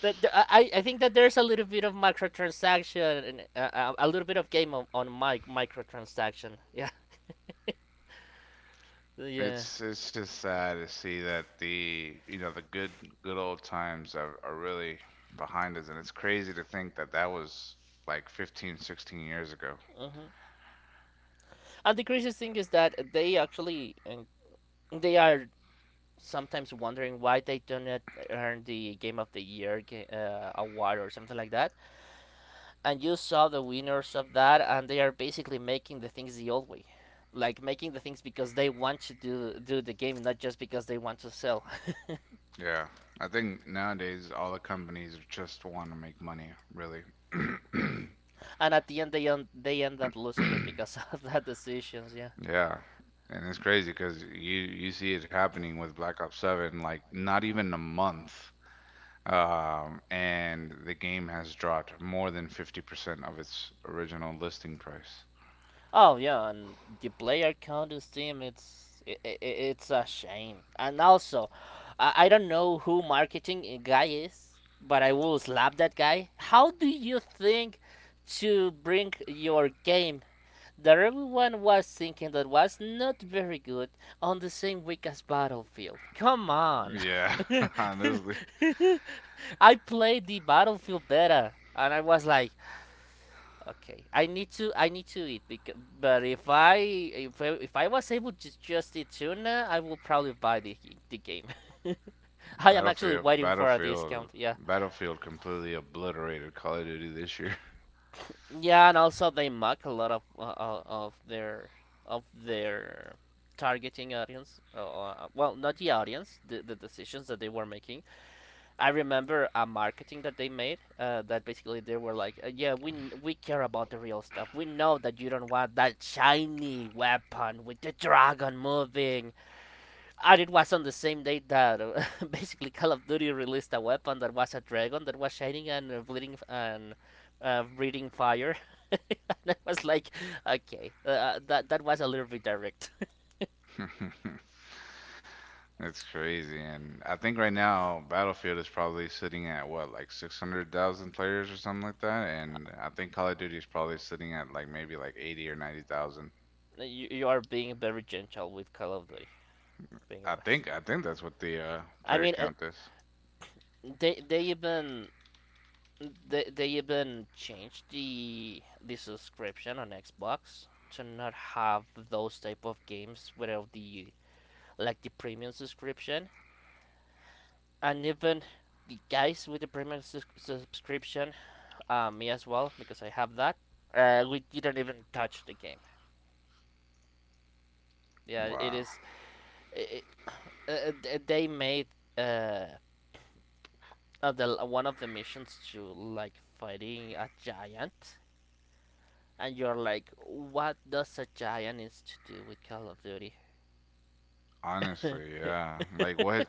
S2: that the- I, I think that there's a little bit of microtransaction and uh, uh, a little bit of game on, on mic microtransaction. Yeah, yeah.
S1: It's it's just sad to see that the you know the good good old times are, are really behind us, and it's crazy to think that that was like fifteen sixteen years ago.
S2: hmm And the craziest thing is that they actually and they are sometimes wondering why they do not earn the Game of the Year ga- uh, award or something like that. And you saw the winners of that, and they are basically making the things the old way, like making the things because they want to do do the game, not just because they want to sell.
S1: Yeah. I think nowadays all the companies just want to make money, really.
S2: And at the end, they end, they end up losing it because of that decisions. Yeah.
S1: Yeah. And it's crazy because you you see it happening with Black Ops seven, like not even a month, um, and the game has dropped more than fifty percent of its original listing price.
S2: Oh yeah, and the player count in Steam it's it it it's a shame. And also, I, I don't know who marketing guy is, but I will slap that guy. How do you think to bring your game that everyone was thinking that was not very good on the same week as Battlefield? Come on.
S1: Yeah, honestly,
S2: I played the Battlefield beta and I was like, okay, I need to I need to eat because but if I if I, if I was able to just eat tuna, I will probably buy the the game. I am actually
S1: Battlefield,
S2: waiting for a
S1: Battlefield,
S2: discount. Yeah,
S1: Battlefield completely obliterated Call of Duty this year.
S2: yeah, and also they mock a lot of uh, uh, of their of their targeting audience. Uh, uh, well, not the audience, the the decisions that they were making. I remember a marketing that they made uh, that basically they were like, uh, "Yeah, we we care about the real stuff. We know that you don't want that shiny weapon with the dragon moving." And it was on the same day that uh, basically Call of Duty released a weapon that was a dragon that was shining and uh, bleeding and uh, breathing fire. and I was like, "Okay, uh, uh, that that was a little bit direct."
S1: It's crazy, and I think right now Battlefield is probably sitting at what, like six hundred thousand players or something like that, and I think Call of Duty is probably sitting at like maybe like eighty or ninety thousand.
S2: ninety thousand. No, You, you are being very gentle with Call of Duty, being
S1: I
S2: honest.
S1: think I
S2: I
S1: think that's what the uh,
S2: I
S1: player
S2: mean, uh,
S1: count is.
S2: they they even they, they even changed the the subscription on Xbox to not have those type of games without the like the premium subscription, and even the guys with the premium sus- subscription, uh, me as well, because I have that. Uh, we didn't even touch the game. Yeah, it
S1: Wow.
S2: is. It, it, uh, uh, they made uh, uh, the, one of the missions to like fighting a giant, and you're like, what does a giant is to do with Call of Duty?
S1: Honestly, yeah. Like what?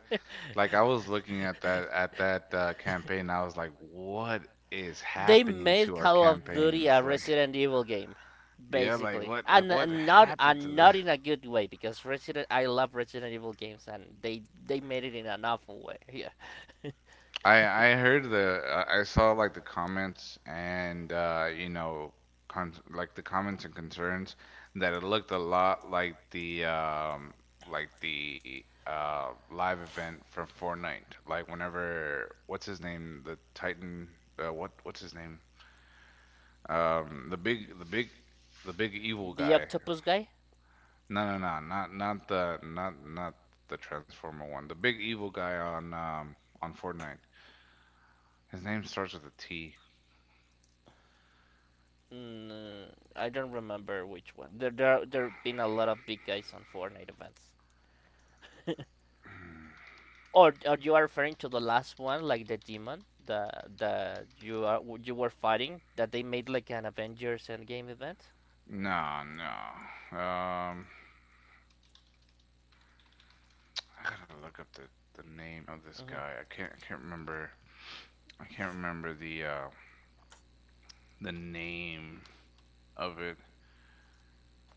S1: Like I was looking at that at that uh,
S2: Yeah. When,
S1: campaign. I was like, what is
S2: They
S1: happening
S2: made
S1: to our
S2: Call of Duty
S1: campaigns?
S2: a
S1: Like,
S2: Resident Evil game,
S1: yeah, like
S2: basically,
S1: what? Like
S2: and,
S1: what
S2: and not
S1: happened to
S2: and
S1: this?
S2: not in a good way because Resident I love Resident Evil games and they they made it in an awful way. Yeah,
S1: I I heard the uh, I saw like the comments and uh, you know con like the comments and concerns that it looked a lot like the um like the uh live event from Fortnite. Like whenever what's his name? The Titan. Uh, what what's his name? Um, the big, the big, the big evil
S2: the
S1: guy.
S2: octopus guy.
S1: No, no, no, not not the not not the Transformer one. The big evil guy on um on Fortnite. His name starts with a T.
S2: Mm, I don't remember which one. There there there've been a lot of big guys on Fortnite events. Or or you are referring to the last one, like the demon, the the you are you were fighting that they made like an Avengers Endgame event.
S1: No, no. Um, I gotta look up the the name of this guy.
S2: Hmm
S1: I can't I can't remember. I can't remember the uh the name of it.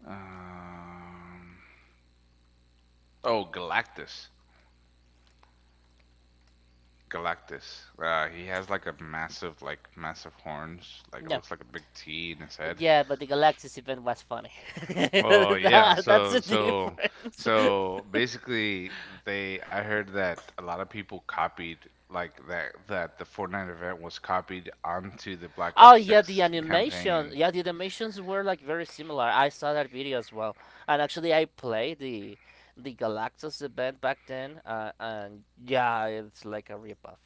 S1: Um. Oh, Galactus. Galactus. Uh, he has like a massive, like massive horns. Like it
S2: No.
S1: looks like a big T in his head.
S2: Yeah, but the Galactus event was funny.
S1: Oh yeah.
S2: That- that's
S1: So
S2: the
S1: so
S2: difference.
S1: so basically, they I heard that a lot of people copied like that that the Fortnite event was copied onto the Black
S2: Oh
S1: Ops
S2: yeah, the
S1: six
S2: animation.
S1: campaign.
S2: Yeah, the animations were like very similar. I saw that video as well, and actually I played the the Galactus event back then, uh, and yeah, it's like a ripoff.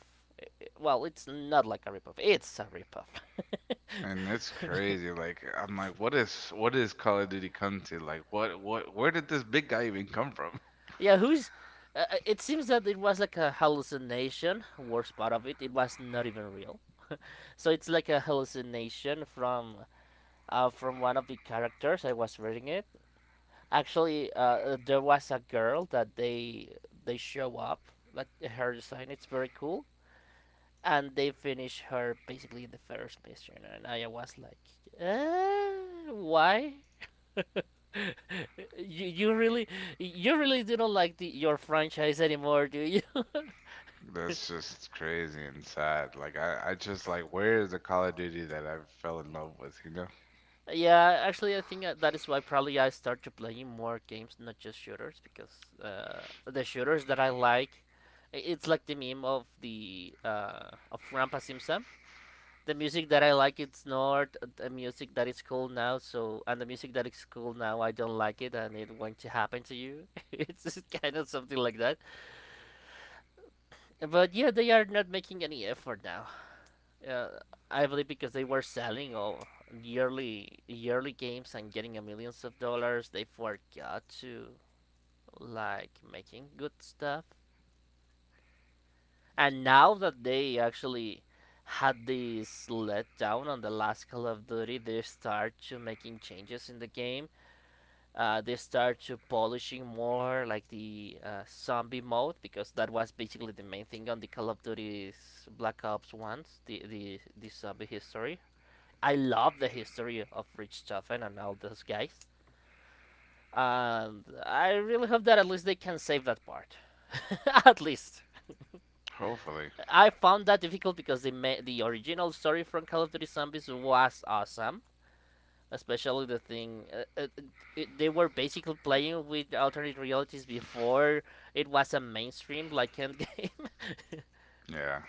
S2: Well, it's not like a ripoff. It's a ripoff.
S1: And it's crazy. Like I'm like, what is what is Call of Duty come to? Like what what where did this big guy even come from?
S2: Yeah, who's? Uh, uh, it seems that it was like a hallucination. Worst part of it, it was not even real. So it's like a hallucination from uh, from one of the characters. I was reading it. Actually, uh, uh, there was a girl that they they show up. Like her design, it's very cool, and they finish her basically in the first mission. And I was like, uh, why? you you really you really do not like the, your franchise anymore, do you?
S1: That's just crazy and sad. Like I, I just like, where is the Call of Duty that I fell in love with, you know?
S2: Yeah, actually, I think uh, that is why probably I start to playing more games, not just shooters, because uh, the shooters that I like, i- it's like the meme of the uh, of Rampa Simsam. The music that I like, it's not the music that is cool now. So, and the music that is cool now, I don't like it, and it won't to happen to you. it's just kind of something like that. But yeah, they are not making any effort now. Uh, I believe because they were selling all yearly yearly games and getting a millions of dollars, they forgot to like making good stuff. And now that they actually had this letdown on the last Call of Duty, they start to making changes in the game. Uh, they start to polishing more like the uh, zombie mode because that was basically the main thing on the Call of Duty's Black Ops ones, the the, the zombie history. I love the history of Richthofen and all those guys, and I really hope that at least they can save that part. at least.
S1: Hopefully.
S2: I found that difficult because the ma- the original story from Call of Duty Zombies was awesome, especially the thing, uh, uh, it, they were basically playing with alternate realities before it was a mainstream like end game.
S1: Yeah.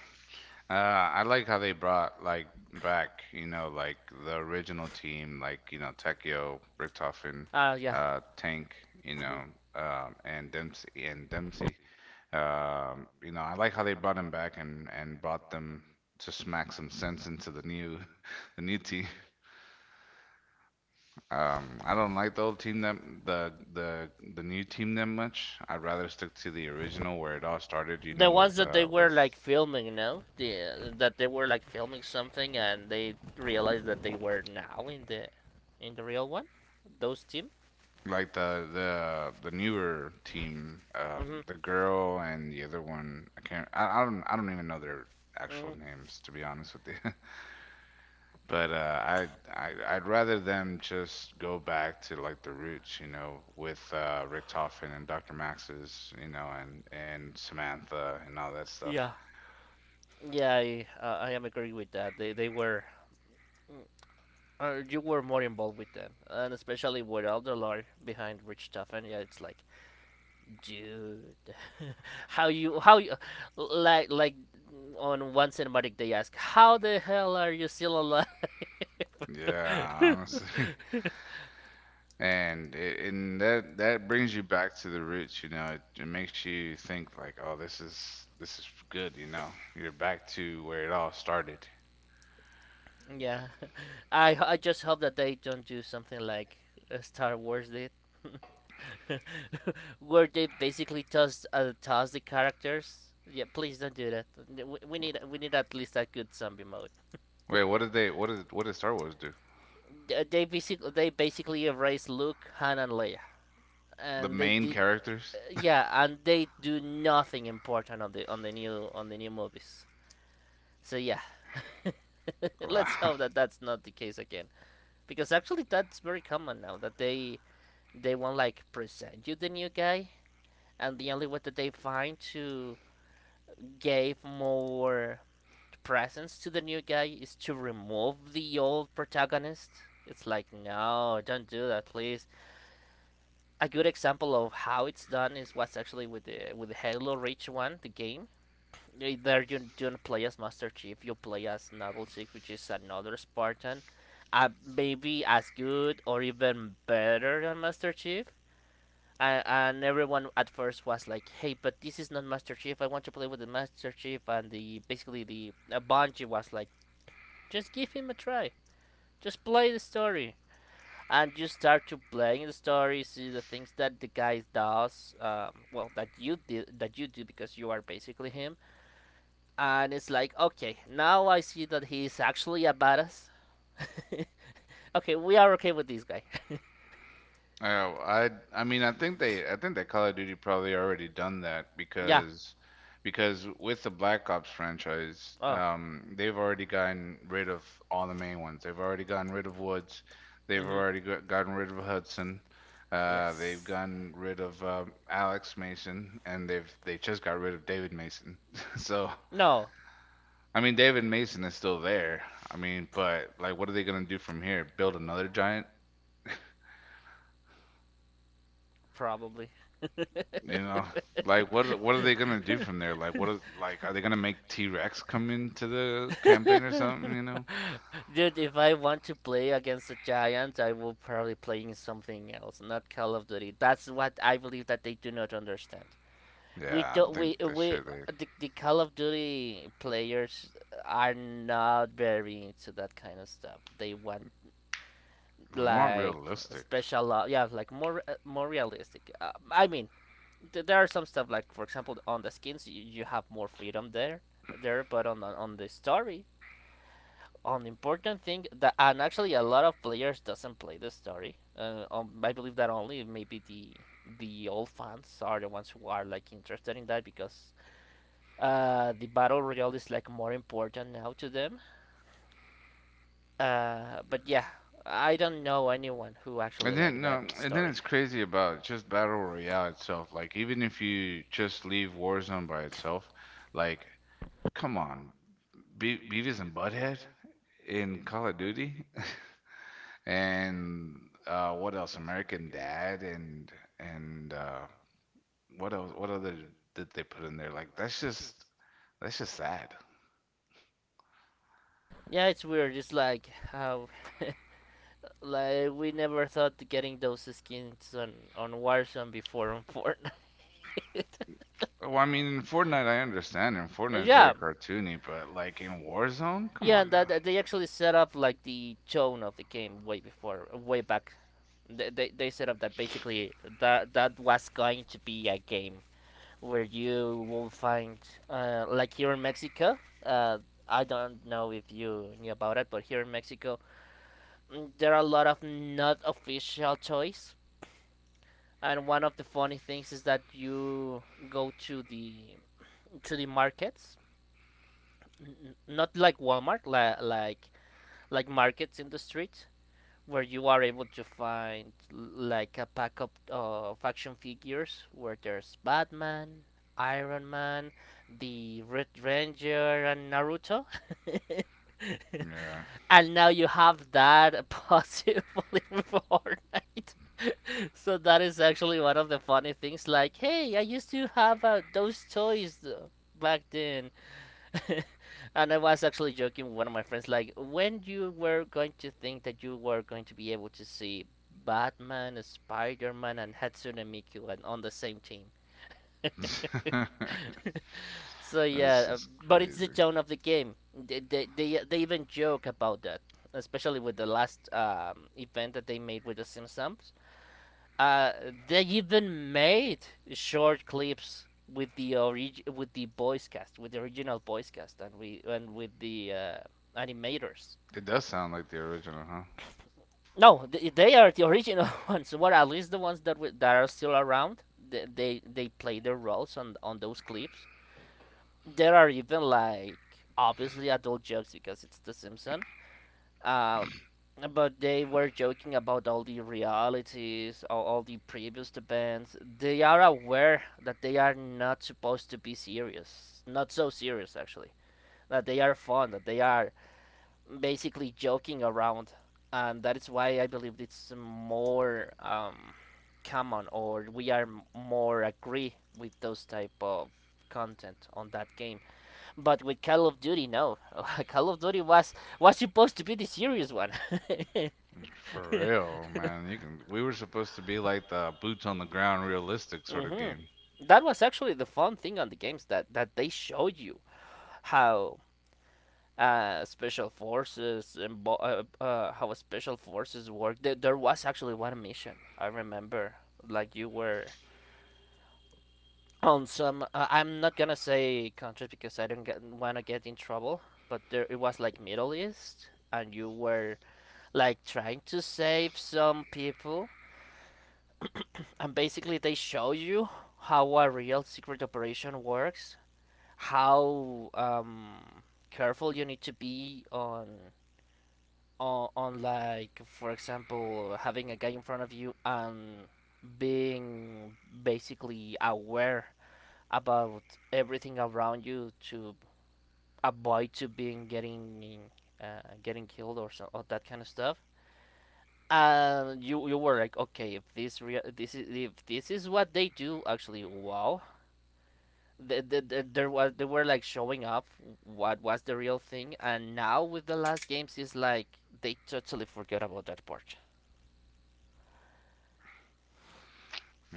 S1: Uh, I like how they brought like back, you know, like the original team, like, you know, Tekio, Richtofen,
S2: uh, yeah.
S1: uh, Tank, you
S2: Mhm.
S1: know, um, and Dempsey and Dempsey. Um, you know, I like how they brought him back and and brought them to smack some sense into the new the new team. Um, I don't like the old team that the the the new team that much. I'd rather stick to the original where it all started, you
S2: The
S1: know,
S2: ones
S1: with
S2: that they
S1: uh
S2: were
S1: with
S2: like filming, no? The that they were like filming something and they realized that they were now in the in the real one. Those team.
S1: like the the the newer team, um,
S2: Mhm.
S1: the girl and the other one. I can't. I, I don't. I don't even know their actual
S2: Mhm.
S1: names, to be honest with you. But uh, I, I I'd rather them just go back to like the roots, you know, with uh, Rick Toffin and Doctor Max's, you know, and and Samantha and all that stuff.
S2: Yeah. Yeah, I uh, I am agree with that. They they were mm, uh, you were more involved with them, and especially with Alderlore behind Rich Tuffin. Yeah, it's like, dude, how you how you like like on one cinematic they ask how the hell are you still alive.
S1: Yeah, honestly. And it, and that that brings you back to the roots, you know. It, it makes you think like, oh, this is this is good, you know. You're back to where it all started.
S2: yeah, i i just hope that they don't do something like uh, Star Wars did, where they basically toss uh, toss the characters. Yeah, please don't do that. We, we need we need at least a good zombie mode.
S1: Wait, what did they what did what did Star Wars do?
S2: Th- they basically they basically erase Luke, Han and Leia
S1: The
S2: and they
S1: main
S2: did, uh,
S1: characters?
S2: yeah, and they do nothing important on the on the new on the new movies, so yeah. let's
S1: Wow.
S2: hope that that's not the case again, because actually that's very common now that they they won't like present you the new guy, and the only way that they find to give more presence to the new guy is to remove the old protagonist. It's like, no, don't do that, please. A good example of how it's done is what's actually with the with the Halo Reach one, the game. Eh, there you don't play as Master Chief, you play as Noble Six, which is another Spartan. Uh, maybe as good or even better than Master Chief. And, and everyone at first was like, "Hey, but this is not Master Chief. I want to play with the Master Chief." And the basically the uh, Bungie was like, "Just give him a try. Just play the story and you start to playing the story, see the things that the guy does, um, well, that you did, that you do because you are basically him, and it's like, okay, now I see that he is actually a badass. Okay, we are okay with this guy. I
S1: Oh, I I mean I think they I think that Call of Duty probably already done that
S2: yeah.
S1: because because with the Black Ops franchise,
S2: Oh,
S1: um, they've already gotten rid of all the main ones. They've already gotten rid of Woods. They've
S2: mm-hmm.
S1: already got, gotten rid of Hudson. Uh, they've
S2: Yes.
S1: gotten rid of uh, Alex Mason, and they've they just got rid of David Mason. So
S2: No,
S1: I mean David Mason is still there. I mean, but like, what are they gonna do from here? Build another giant?
S2: probably.
S1: You know, like what what are they gonna do from there? Like what are, like are they gonna make T-Rex come into the campaign or something? You know?
S2: Dude, if I want to play against the Giants, I will probably play in something else, not Call of Duty. That's what I believe that they do not understand. We
S1: Yeah, I
S2: don't we
S1: think this
S2: we
S1: year
S2: the, the Call of Duty players are not very into that kind of stuff. They want
S1: they we want
S2: like
S1: realistic.
S2: special, uh, yeah, like more uh, more realistic. Uh, I mean, th- there are some stuff like for example on the skins you, you have more freedom there there, but on on on the story, on important thing that and actually a lot of players doesn't play the story. Uh, um, I believe that only maybe the the old fans are the ones who are like interested in that because uh, the battle royale is like more important now to them. Uh, but yeah, I don't know anyone who actually
S1: And then
S2: like
S1: no,
S2: that
S1: and then
S2: story.
S1: it's crazy about just Battle Royale itself. Like even if you just leave Warzone by itself, like come on, Be Beavis and Butthead in Call of Duty, and uh, what else? American Dad and and uh, what else? What other did they put in there? Like that's just that's just sad.
S2: Yeah, it's weird. It's like how like we never thought to getting those skins on on Warzone before on Fortnite.
S1: Well, I mean, in Fortnite, I understand. In Fortnite, it's
S2: Yeah,
S1: very cartoony, but like in Warzone, come
S2: yeah, and
S1: on
S2: that that they actually set up like the tone of the game way before, way back. They, they, they set up that basically that that was going to be a game where you will find uh, like here in Mexico. Uh, I don't know if you knew about it, but here in Mexico, mm, there are a lot of not official toys. And one of the funny things is that you go to the to the markets, n- not like Walmart, la- like like markets in the street, where you are able to find like a pack of uh, action figures where there's Batman, Iron Man, the Red Ranger, and Naruto.
S1: now.
S2: And now you have that possibly with Fortnite. So that is actually one of the funny things. Like, hey, I used to have uh, those toys uh, back then, and I was actually joking with one of my friends, like, when you were going to think that you were going to be able to see Batman, Spider Man, and Hatsune Miku and on the same team.
S1: Yeah,
S2: So
S1: that's
S2: yeah, uh,
S1: just
S2: but it's the
S1: crazy.
S2: tone of the game. They they they, they even joke about that, especially with the last um, event that they made with the Simpsons. Uh, they even made short clips with the orig- with the voice cast, with the original voice cast, and we and with the uh, animators.
S1: It does sound like the original, huh?
S2: No, they, they are the original ones. What at least the ones that we, that are still around. They, they they play their roles on on those clips. There are even like obviously adult jokes because it's The Simpsons. Um, but they were joking about all the realities, all, all the previous events. They are aware that they are not supposed to be serious, not so serious actually. That they are fun, that they are basically joking around, and that is why I believe it's more um, common, or we are more agree with those type of content on that game. But with Call of Duty, no, Call of Duty was was supposed to be the serious one.
S1: For real, man. You can. We were supposed to be like the boots on the ground, realistic sort of
S2: Hmm.
S1: game.
S2: That was actually the fun thing on the games that that they showed you how uh, special forces and uh, uh, how special forces work. There, there was actually one mission I remember, like you were on some. Uh, I'm not gonna say countries because I don't get, wanna get in trouble, but there it was like Middle East, and you were like trying to save some people, and basically they show you how a real secret operation works, how um careful you need to be on on, on like for example having a guy in front of you and being basically aware about everything around you to avoid to being getting uh, getting killed or so or that kind of stuff. And you you were like, okay, if this rea- this is if this is what they do actually, wow, the, the, the, there was they were like showing up what was the real thing. And now with the last games is like they totally forget about that part.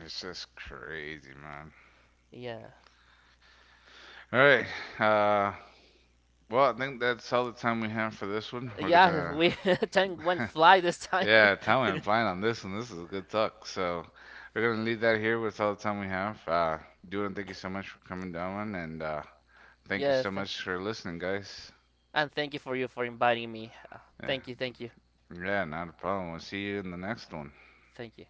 S1: It's just crazy, man.
S2: Yeah.
S1: All right. Uh, well, I think that's all the time we have for this one. We're
S2: Yeah,
S1: gonna
S2: we time went fly this time.
S1: Yeah, time went flying on this, and this is a good talk. So we're gonna leave that here with all the time we have. Uh, Dylan, thank you so much for coming down, and uh, thank you
S2: Yeah, yeah,
S1: so
S2: thank
S1: much for listening, guys.
S2: and thank you for you for inviting me. Uh,
S1: Yeah,
S2: thank you, thank you,
S1: yeah, not a problem. We'll see you in the next one.
S2: thank you.